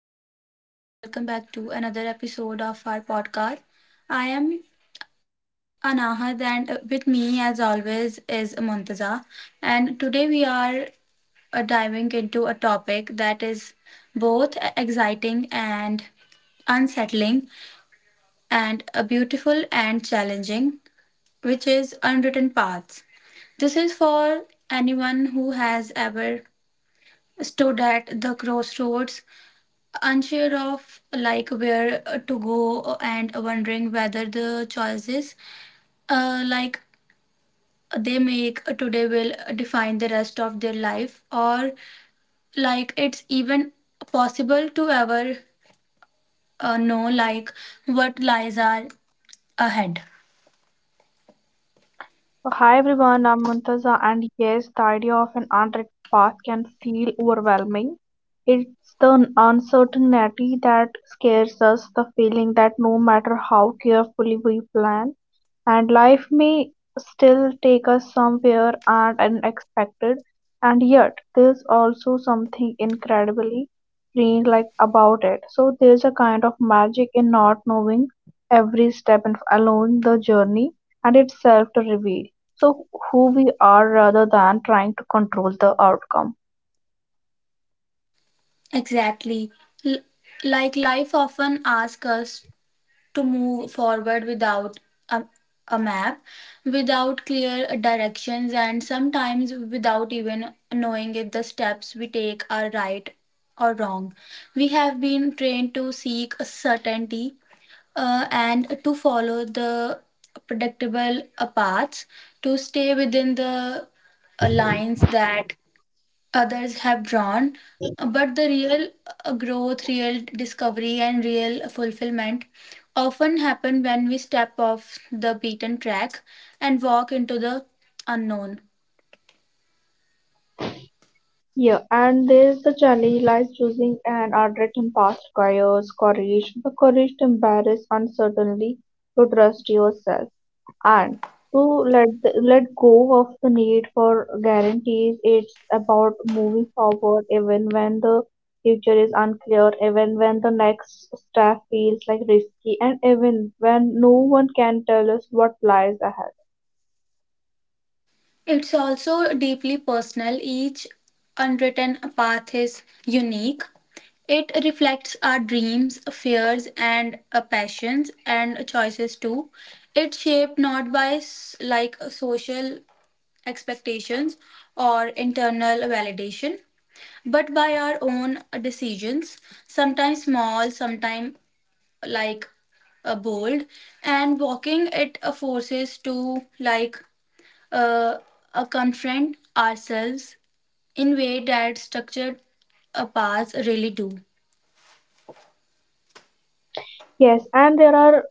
everyone, and welcome back to another episode of our podcast. I am Anahad, and with me, as always, is Muntaza. And today we are diving into a topic that is both exciting and unsettling, and beautiful and challenging, which is unwritten paths. This is for anyone who has ever stood at the crossroads unsure of where to go and wondering whether the choices uh, like they make today will define the rest of their life or it's even possible to ever know what lies are ahead So hi everyone, I'm Muntaza, and yes, the idea of an untracked path can feel overwhelming. It's the uncertainty that scares us, the feeling that no matter how carefully we plan, and life may still take us somewhere and unexpected. And yet there's also something incredibly freeing like about it, so there's a kind of magic in not knowing every step and along the journey and itself to reveal so who we are rather than trying to control the outcome. exactly. L- like life often asks us to move forward without a, a map, without clear directions, and sometimes without even knowing if the steps we take are right or wrong. We have been trained to seek certainty and to follow the predictable paths, to stay within the lines that others have drawn. But the real growth, real discovery, and real fulfillment often happen when we step off the beaten track and walk into the unknown. Yeah, and there's the challenge lies choosing an unwritten path requires courage, the courage to embrace uncertainty, to trust yourself, and to let go of the need for guarantees. It's about moving forward even when the future is unclear, even when the next step feels like risky, and even when no one can tell us what lies ahead. It's also deeply personal. Each unwritten path is unique. It reflects our dreams, fears, and passions and choices too. It's shaped not by social expectations or internal validation, but by our own decisions, sometimes small, sometimes like bold, and walking it forces to uh, confront ourselves in way that structured paths really do. Yes, and there are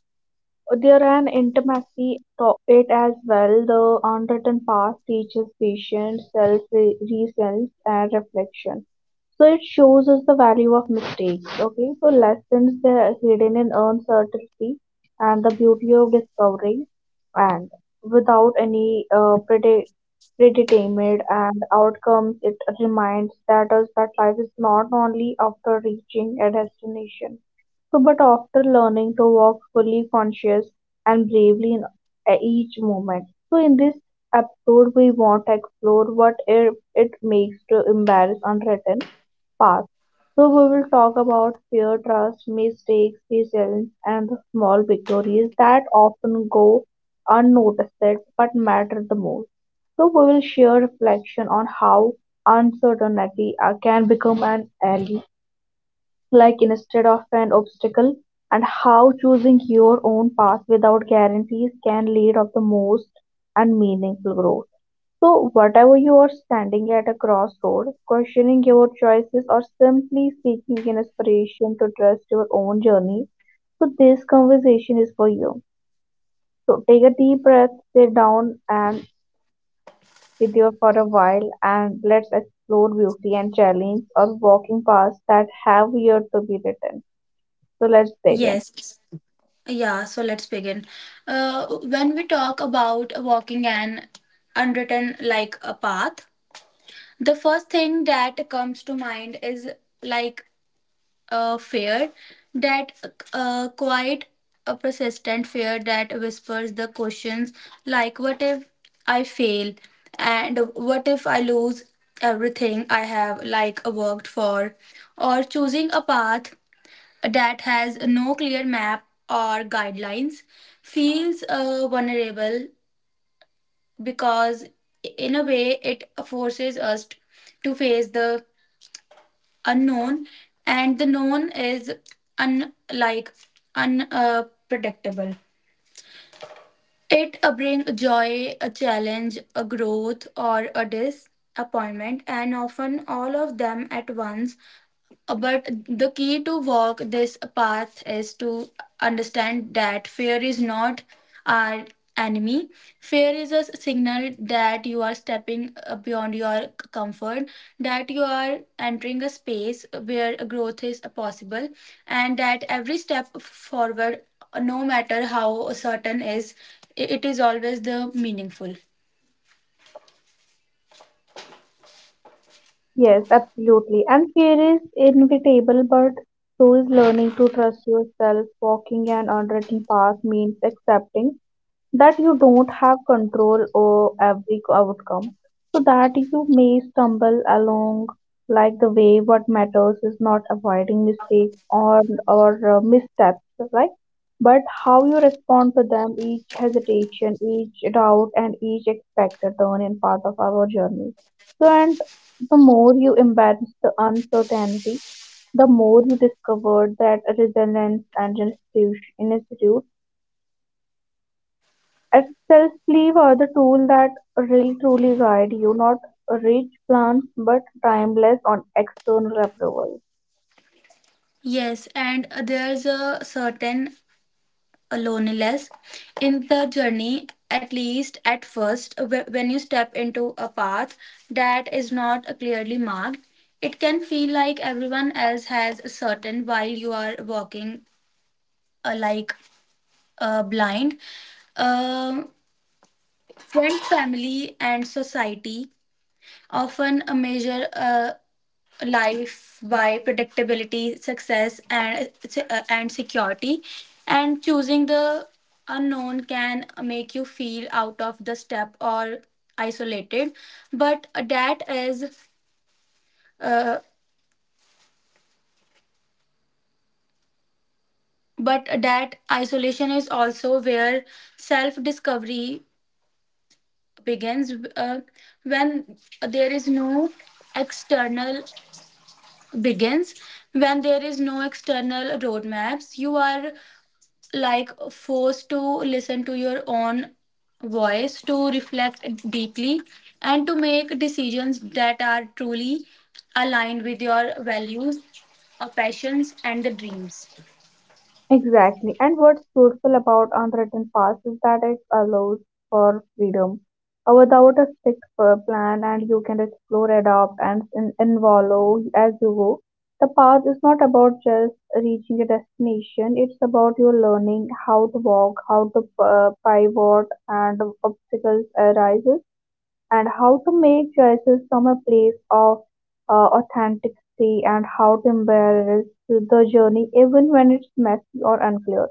there an intimacy to it as well. The unwritten past teaches patience, self-resilience, and reflection. So it shows us the value of mistakes. Okay, so lessons that are hidden in uncertainty and the beauty of discovery, and without any predetermined and outcomes, it reminds that us that life is not only after reaching a destination. So, but after learning to walk fully conscious and bravely in each moment. So, in this episode, we want to explore what it makes to embrace unwritten path. So, we will talk about fear, trust, mistakes, resilience, and the small victories that often go unnoticed but matter the most. So, we will share reflection on how uncertainty can become an ally like instead of an obstacle and how choosing your own path without guarantees can lead of the most and meaningful growth. So whatever you are standing at a crossroad questioning your choices or simply seeking inspiration to trust your own journey, so this conversation is for you. So take a deep breath, sit down, and sit there for a while, and let's explore beauty and challenge or walking paths that have yet to be written. So let's begin. Yes. Yeah, so let's begin. When we talk about walking an unwritten a path, the first thing that comes to mind is like a fear, that quite a persistent fear that whispers the questions like, what if I fail? And what if I lose everything I have worked for? Or choosing a path that has no clear map or guidelines feels vulnerable because in a way it forces us to face the unknown, and the known is un like unpredictable. It brings joy, a challenge, a growth, or a disappointment, and often all of them at once. But the key to walk this path is to understand that fear is not our enemy. Fear is a signal that you are stepping beyond your comfort, that you are entering a space where growth is possible, and that every step forward, no matter how certain is, it is always the meaningful. Yes, absolutely. And fear is inevitable, but so is learning to trust yourself. Walking an unwritten path means accepting that you don't have control over every outcome, so that you may stumble along like the way. What matters is not avoiding mistakes or missteps, right, but how you respond to them. Each hesitation, each doubt, and each expected turn in part of our journey. So and the more you embrace the uncertainty, the more you discover that resilience and institute at self-belief are the tool that really truly guide you, not rich plans, but timeless on external approval. Yes, and there's a certain loneliness in the journey, at least at first, when you step into a path that is not clearly marked. It can feel like everyone else has certain while you are walking uh, like blind. Uh, friends, family, and society often measure life by predictability, success, and security. And choosing the unknown can make you feel out of the step or isolated. But uh, but that isolation is also where self discovery begins. When there is no external begins when there is no external roadmaps, you are forced to listen to your own voice, to reflect deeply, and to make decisions that are truly aligned with your values, passions, and the dreams. Exactly. And what's beautiful about unwritten past is that it allows for freedom. Without a strict plan, and you can explore, adapt, and involve as you go. The path is not about just reaching a destination, it's about your learning how to walk, how to pivot, and obstacles arise and how to make choices from a place of authenticity and how to embrace the journey even when it's messy or unclear.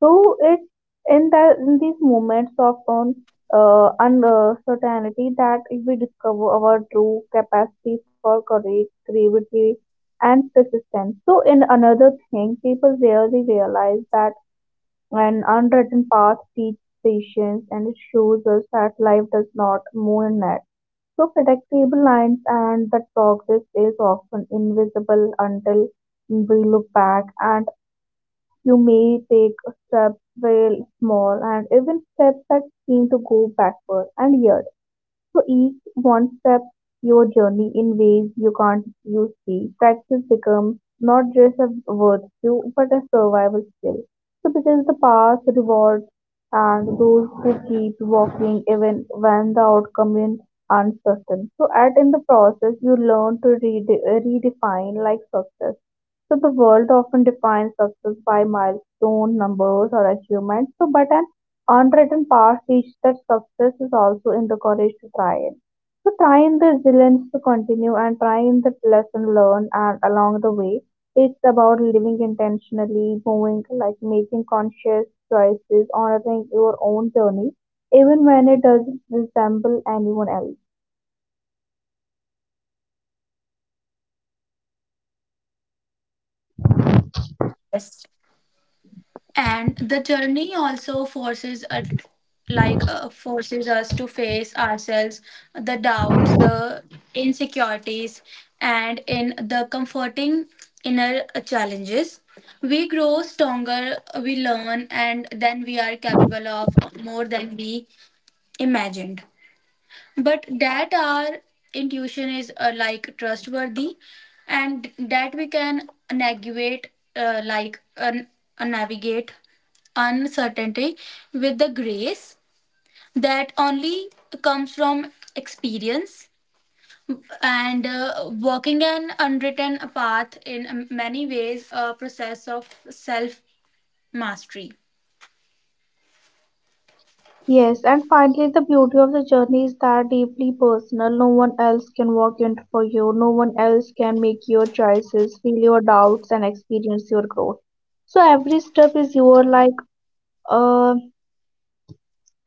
So it's in these moments of uncertainty that we discover our true capacity for courage, creativity, and persistence. So in another thing, people rarely realize that an unwritten path teaches patience, and it shows us that life does not move in net. So predictable lines and that progress is often invisible until we look back, and you may take steps very small and even steps that seem to go backward, and yes, so each one step your journey in ways you can't you see. Practice becomes not just a virtue but a survival skill. So because the path rewards and those who keep walking even when the outcome is uncertain. So at in the process you learn to redefine like success. So the world often defines success by milestone numbers or achievements. So, but an unwritten path teaches that success is also in the courage to try it. So try in the resilience to continue and try in the lesson learned and along the way. It's about living intentionally, moving like making conscious choices, honoring your own journey, even when it doesn't resemble anyone else. Yes. And the journey also forces a like forces us to face ourselves, the doubts, the insecurities, and in the comforting inner challenges we grow stronger, we learn, and then we are capable of more than we imagined, but that our intuition is trustworthy and that we can uh, like un- navigate uncertainty with the grace that only comes from experience. And walking an unwritten path in many ways a process of self mastery. Yes, and finally, the beauty of the journey is that deeply personal. No one else can walk in for you. No one else can make your choices, feel your doubts, and experience your growth. So every step is your like uh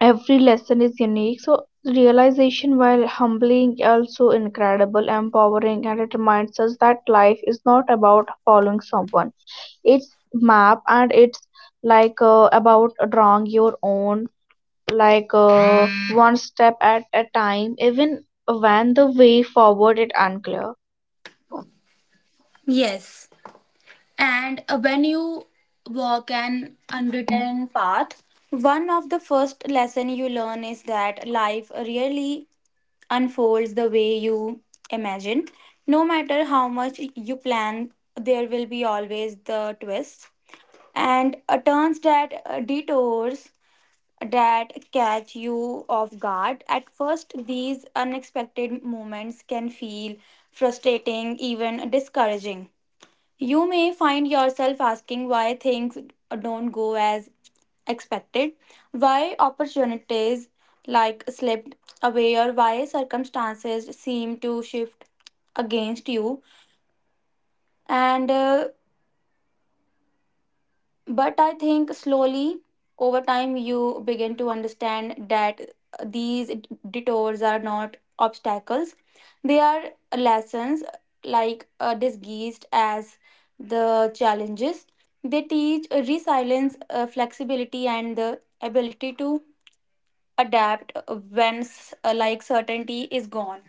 every lesson is unique. So realization while humbling also incredible, empowering, and it reminds us that life is not about following someone. It's map and it's like about drawing your own like one step at a time even when the way forward is unclear. Yes. And when you walk an unwritten path, one of the first lesson you learn is that life really unfolds the way you imagine. No matter how much you plan, there will be always the twists and turns that detours that catch you off guard. At first, these unexpected moments can feel frustrating, even discouraging. You may find yourself asking why things don't go as expected, why opportunities slipped away, or why circumstances seem to shift against you. And but I think slowly over time you begin to understand that these detours are not obstacles, they are lessons, disguised as the challenges. They teach resilience, flexibility, and the ability to adapt when certainty is gone.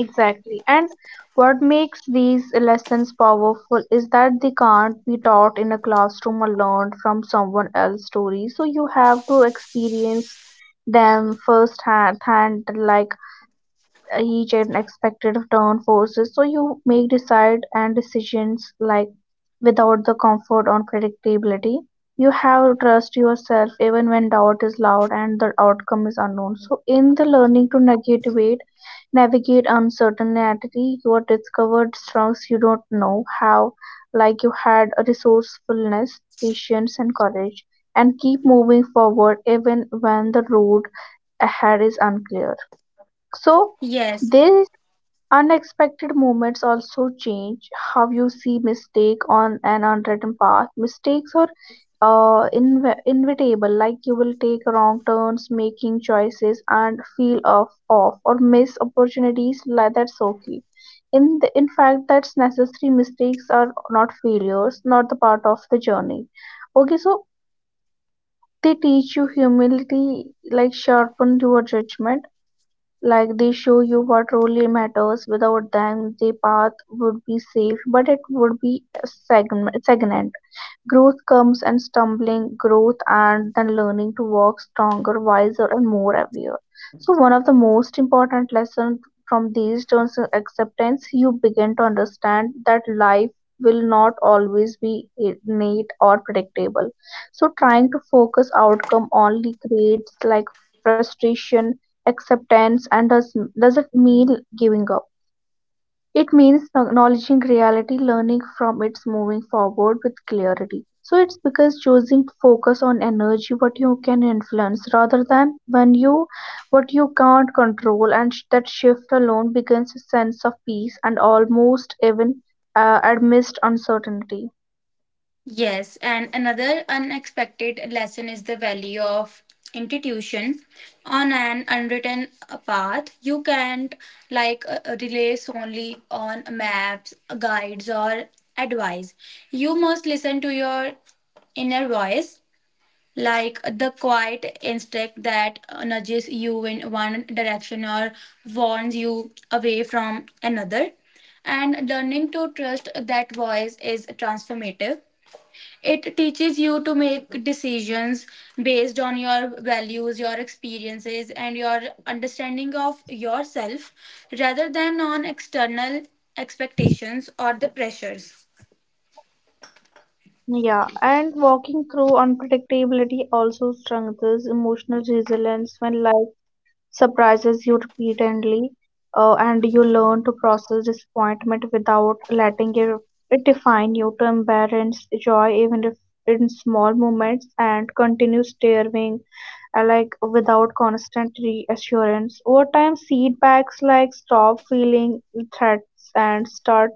Exactly, and what makes these lessons powerful is that they can't be taught in a classroom or learned from someone else's story, so you have to experience them firsthand hand like each and expected turn forces so you make decide and decisions like without the comfort or predictability. You have to trust yourself even when doubt is loud and the outcome is unknown. So in the learning to navigate uncertainty, you are discovered strengths you don't know how, like you had a resourcefulness, patience and courage, and keep moving forward even when the road ahead is unclear. So Yes. there unexpected moments also change how you see mistake on an unwritten path. Mistakes are inevitable, like you will take wrong turns, making choices, and feel off or miss opportunities. Like that's okay. In fact, that's necessary. Mistakes are not failures, not the part of the journey. Okay, so they teach you humility, like sharpen your judgment, like they show you what really matters. Without them, the path would be safe, but it would be stagnant. Growth comes and stumbling, growth and then learning to walk stronger, wiser, and more aware. So, one of the most important lessons from these turns is acceptance. You begin to understand that life will not always be neat or predictable. So, trying to focus outcome only creates like frustration, acceptance, and does it mean giving up? It means acknowledging reality, learning from it's moving forward with clarity. So it's because choosing to focus on energy what you can influence rather than when you what you can't control and that shift alone begins a sense of peace and almost even amidst uncertainty. Yes, and another unexpected lesson is the value of intuition on an unwritten path. You can't rely solely on maps, guides, or advice. You must listen to your inner voice, like the quiet instinct that nudges you in one direction or warns you away from another. And learning to trust that voice is transformative. It teaches you to make decisions based on your values, your experiences, and your understanding of yourself rather than on external expectations or the pressures. Yeah, and walking through unpredictability also strengthens emotional resilience when life surprises you repeatedly, and you learn to process disappointment without it define you, to embrace joy even if in small moments and continue staring like without constant reassurance. Over time setbacks like stop feeling threats and start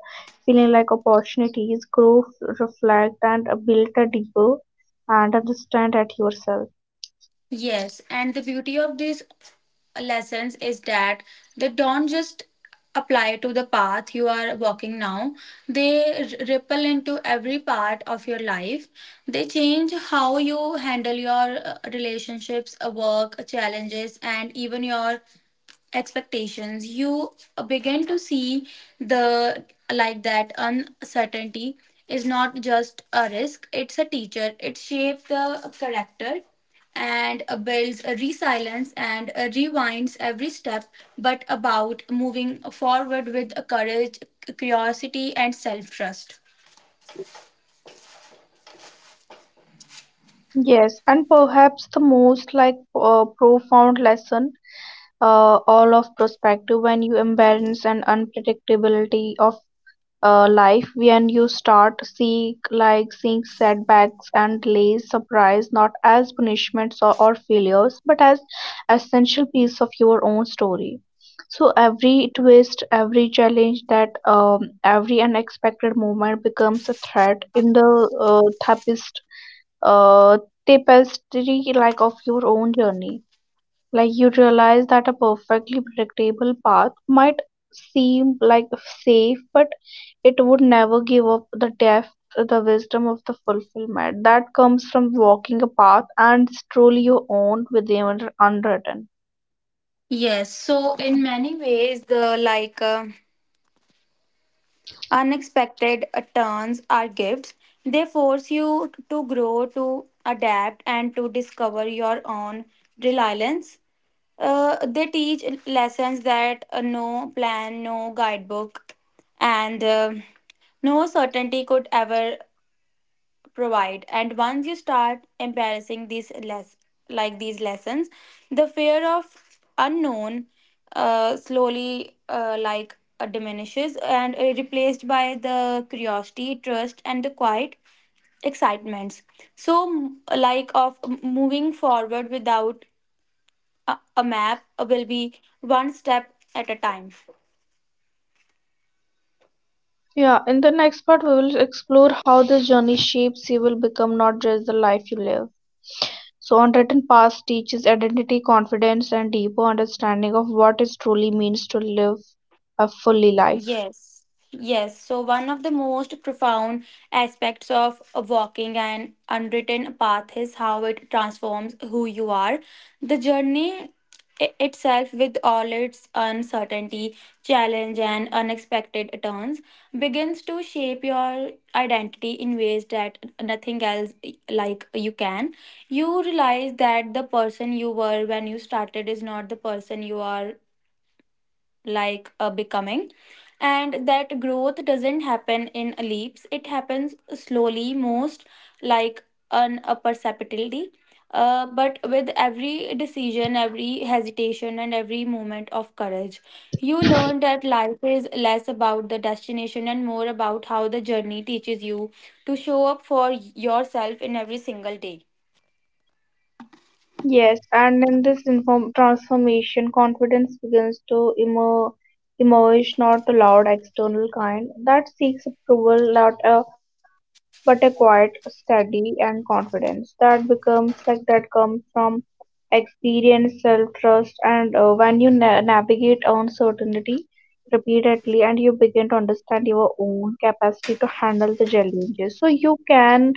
feeling like opportunities grow, reflect and build a deeper and understand at yourself. Yes, and the beauty of these lessons is that they don't just apply to the path you are walking now, they ripple into every part of your life. They change how you handle your relationships, work, challenges, and even your expectations. You begin to see the like that uncertainty is not just a risk, it's a teacher. It shapes the character and builds a resilience and rewinds every step, but about moving forward with a courage, curiosity, and self trust. Yes, and perhaps the most like profound lesson all of perspective when you embrace an unpredictability of life, when you start seeing setbacks and delays surprise not as punishments or failures but as essential piece of your own story. So every twist, every challenge that every unexpected moment becomes a thread in the therapist uh, tapestry like of your own journey. Like you realize that a perfectly predictable path might seem like safe, but it would never give up the depth, the wisdom of the fulfillment that comes from walking a path and is truly your own with the unwritten. Yes, so in many ways the like unexpected turns are gifts. They force you to grow, to adapt, and to discover your own reliance. They teach lessons that no plan, no guidebook, and no certainty could ever provide. And once you start embarrassing these lessons, the fear of unknown slowly diminishes and replaced by the curiosity, trust, and the quiet excitements of moving forward without a map will be one step at a time. Yeah, in the next part, we will explore how this journey shapes you will become not just the life you live. So, unwritten past teaches identity, confidence, and deeper understanding of what it truly means to live a fully life. Yes, yes. So, one of the most profound aspects of a walking an unwritten path is how it transforms who you are. The journey itself, with all its uncertainty, challenge, and unexpected turns, begins to shape your identity in ways that nothing else you can. You realize that the person you were when you started is not the person you are like a becoming, and that growth doesn't happen in leaps, it happens slowly, most like an imperceptibly, but with every decision, every hesitation, and every moment of courage, you learn that life is less about the destination and more about how the journey teaches you to show up for yourself in every single day. Yes, and in this inform transformation, confidence begins to emerge, not a loud external kind that seeks approval, not a but a quiet, steady, and confidence that becomes like that comes from experience, self-trust, and when you na navigate uncertainty repeatedly, and you begin to understand your own capacity to handle the challenges, so you can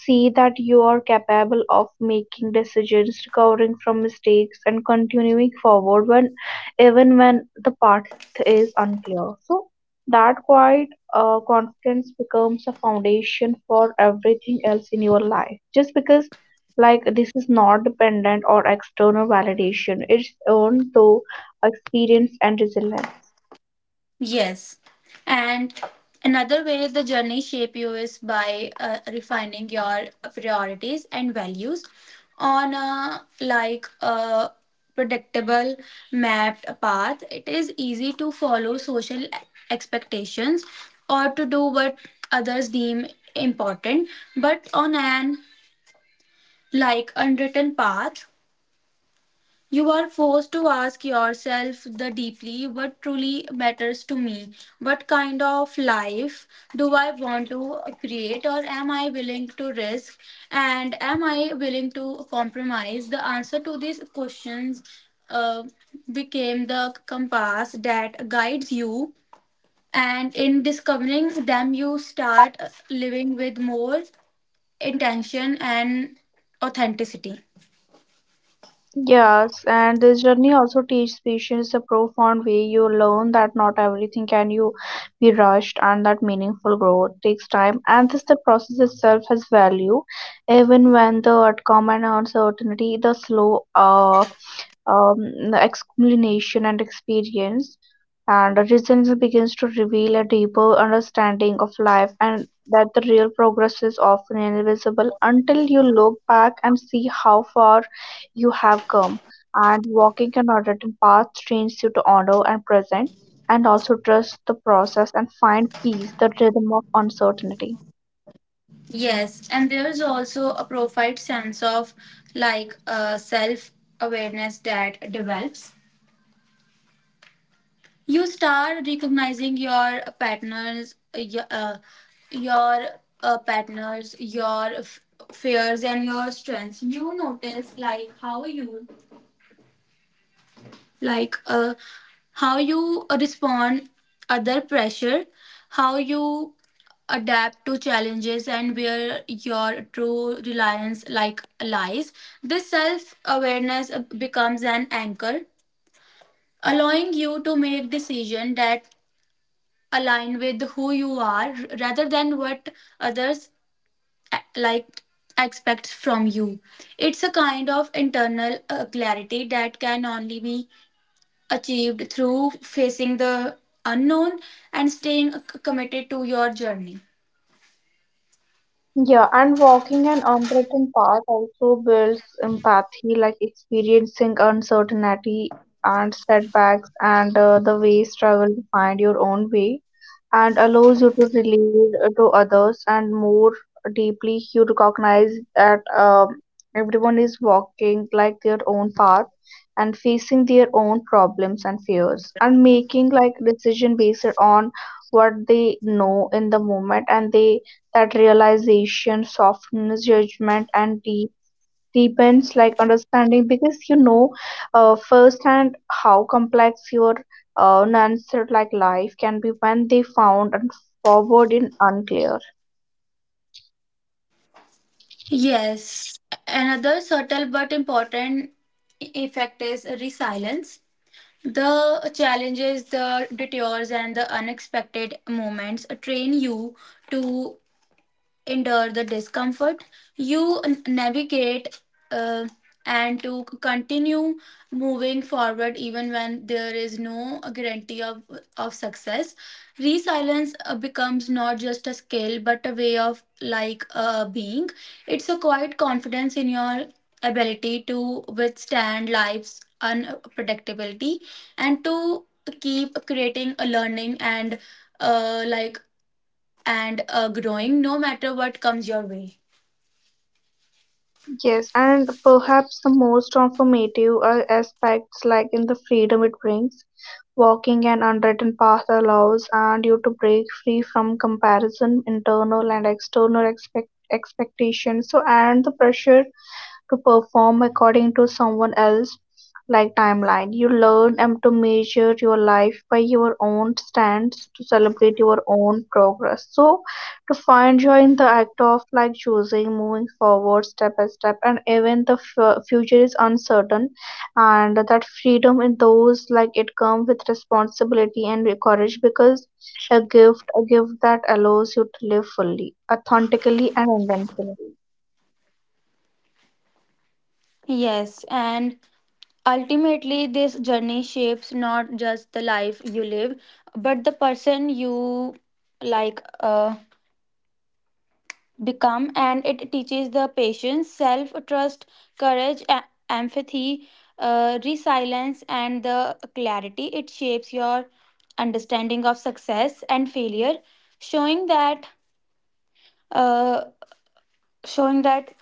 see that you are capable of making decisions, recovering from mistakes, and continuing forward when even when the path is unclear. So that quiet confidence becomes a foundation for everything else in your life. Just because like this is not dependent on external validation, it's earned through experience and resilience. Yes. And another way the journey shape you is by refining your priorities and values on a predictable mapped path. It is easy to follow social expectations or to do what others deem important, but on an unwritten path you are forced to ask yourself the deeply, what truly matters to me? What kind of life do I want to create, or am I willing to risk? And am I willing to compromise? The answer to these questions uh, became the compass that guides you. And in discovering them, you start living with more intention and authenticity. Yes, and this journey also teaches patience a profound way. You learn that not everything can you be rushed and that meaningful growth takes time and this the process itself has value. Even when the outcome and uncertainty, the slow the explanation and experience and the reasons begins to reveal a deeper understanding of life and that the real progress is often invisible until you look back and see how far you have come, and walking an unwritten path trains you to honor and present, and also trust the process and find peace, the rhythm of uncertainty. Yes, and there's also a profound sense of self awareness that develops. You start recognizing your patterns, your, patterns, your fears, and your strengths. You notice like uh, how you respond other pressure, how you adapt to challenges, and where your true reliance lies. This self awareness becomes an anchor, allowing you to make decisions that align with who you are rather than what others eh, like expect from you. It's a kind of internal clarity that can only be achieved through facing the unknown and staying committed to your journey. Yeah, and walking an unwritten path also builds empathy, like experiencing uncertainty and setbacks and the way struggle to find your own way and allows you to relate to others and more deeply. You recognize that everyone is walking like their own path and facing their own problems and fears and making like decision based on what they know in the moment and they that realization softens judgment and deepens like understanding because you know firsthand how complex your unanswered like life can be when they found and forward in unclear. Yes, another subtle but important effect is resilience. The challenges, the detours, and the unexpected moments train you to endure the discomfort you navigate uh, and to continue moving forward even when there is no guarantee of success. Resilience becomes not just a skill but a way of being. It's a quiet confidence in your ability to withstand life's unpredictability and to keep creating a learning and uh, like growing no matter what comes your way. Yes, and perhaps the most transformative are aspects like in the freedom it brings. Walking an unwritten path allows and you to break free from comparison, internal and external expectations. So and the pressure to perform according to someone else like timeline. You learn and to measure your life by your own stands to celebrate your own progress, so to find joy in the act of like choosing moving forward step by step and even the future is uncertain, and that freedom in those like it come with responsibility and courage because a gift, a gift that allows you to live fully authentically and inventively. Yes, and ultimately, this journey shapes not just the life you live, but the person you like uh, become, and it teaches the patience, self trust, courage, empathy, resilience, and the clarity. It shapes your understanding of success and failure, showing that uh, showing that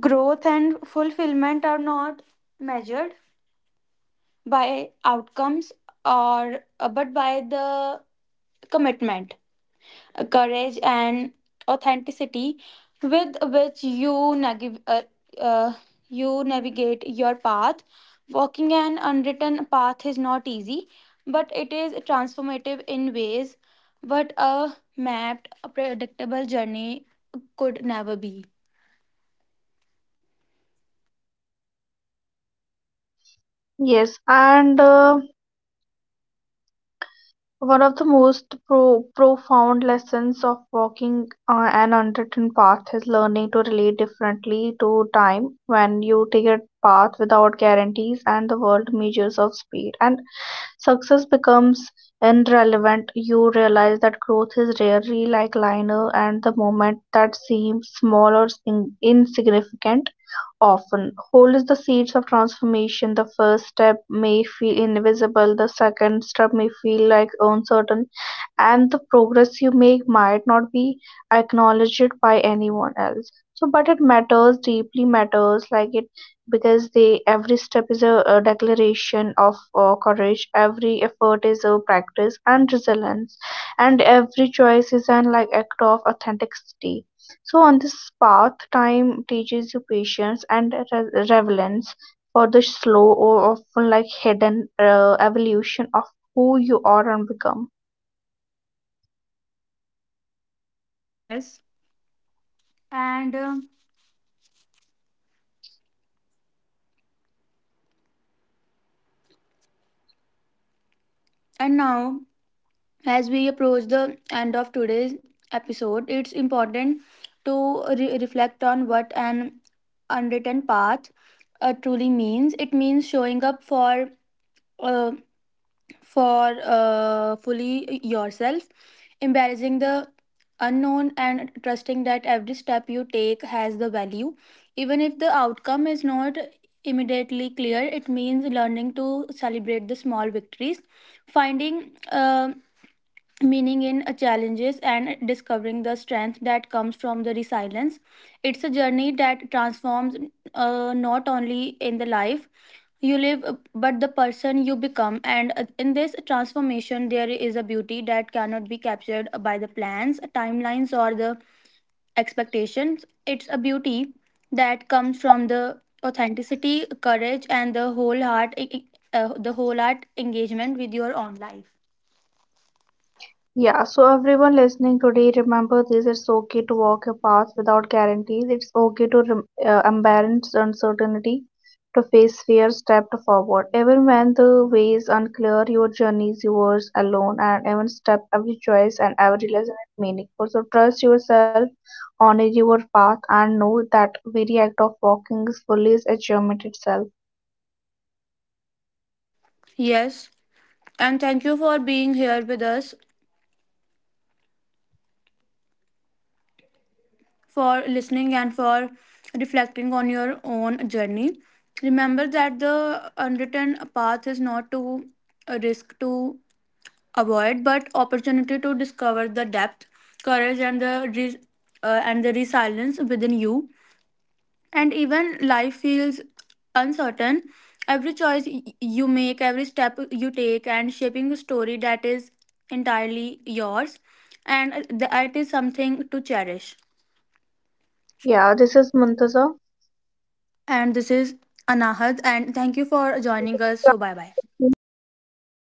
growth and fulfillment are not measured by outcomes or but by the commitment, courage, and authenticity with which you uh, you navigate your path. Walking an unwritten path is not easy, but it is transformative in ways but a mapped, predictable journey could never be. Yes and one of the most profound lessons of walking an unwritten path is learning to relate differently to time. When you take a path without guarantees and the world measures of speed and success becomes irrelevant, you realize that growth is rarely like linear and the moment that seems small or insignificant often hold the seeds of transformation. The first step may feel invisible, the second step may feel like uncertain, and the progress you make might not be acknowledged by anyone else. So, but it matters deeply matters like it because they every step is a declaration of courage, every effort is a practice and resilience, and every choice is an like act of authenticity. So on this path, time teaches you patience and relevance for the slow or often like hidden evolution of who you are and become. Yes. And um and now, as we approach the end of today's episode, it's important to reflect on what an unwritten path truly means. It means showing up for uh, fully yourself, embarrassing the unknown, and trusting that every step you take has the value, even if the outcome is not immediately clear. It means learning to celebrate the small victories, finding. um Meaning in challenges and discovering the strength that comes from the resilience. It's a journey that transforms not only in the life you live, but the person you become. And in this transformation there is a beauty that cannot be captured by the plans, timelines, or the expectations. It's a beauty that comes from the authenticity, courage, and the whole heart engagement with your own life. Yeah, so everyone listening today, remember this it's okay to walk a path without guarantees. It's okay to embrace uncertainty, to face fear, step forward. Even when the way is unclear, your journey is yours alone, and even step, every choice, and every lesson is meaningful. So trust yourself, honor your path, and know that very act of walking is fully is achievement itself. Yes, and thank you for being here with us, for listening, and for reflecting on your own journey. Remember that the unwritten path is not to a risk to avoid, but opportunity to discover the depth, courage, and the resilience within you. And even life feels uncertain, every choice you make, every step you take and shaping a story that is entirely yours. And that is something to cherish. Yeah, this is Muntaza. And this is Anahad, and thank you for joining us, so bye bye. Walking your path.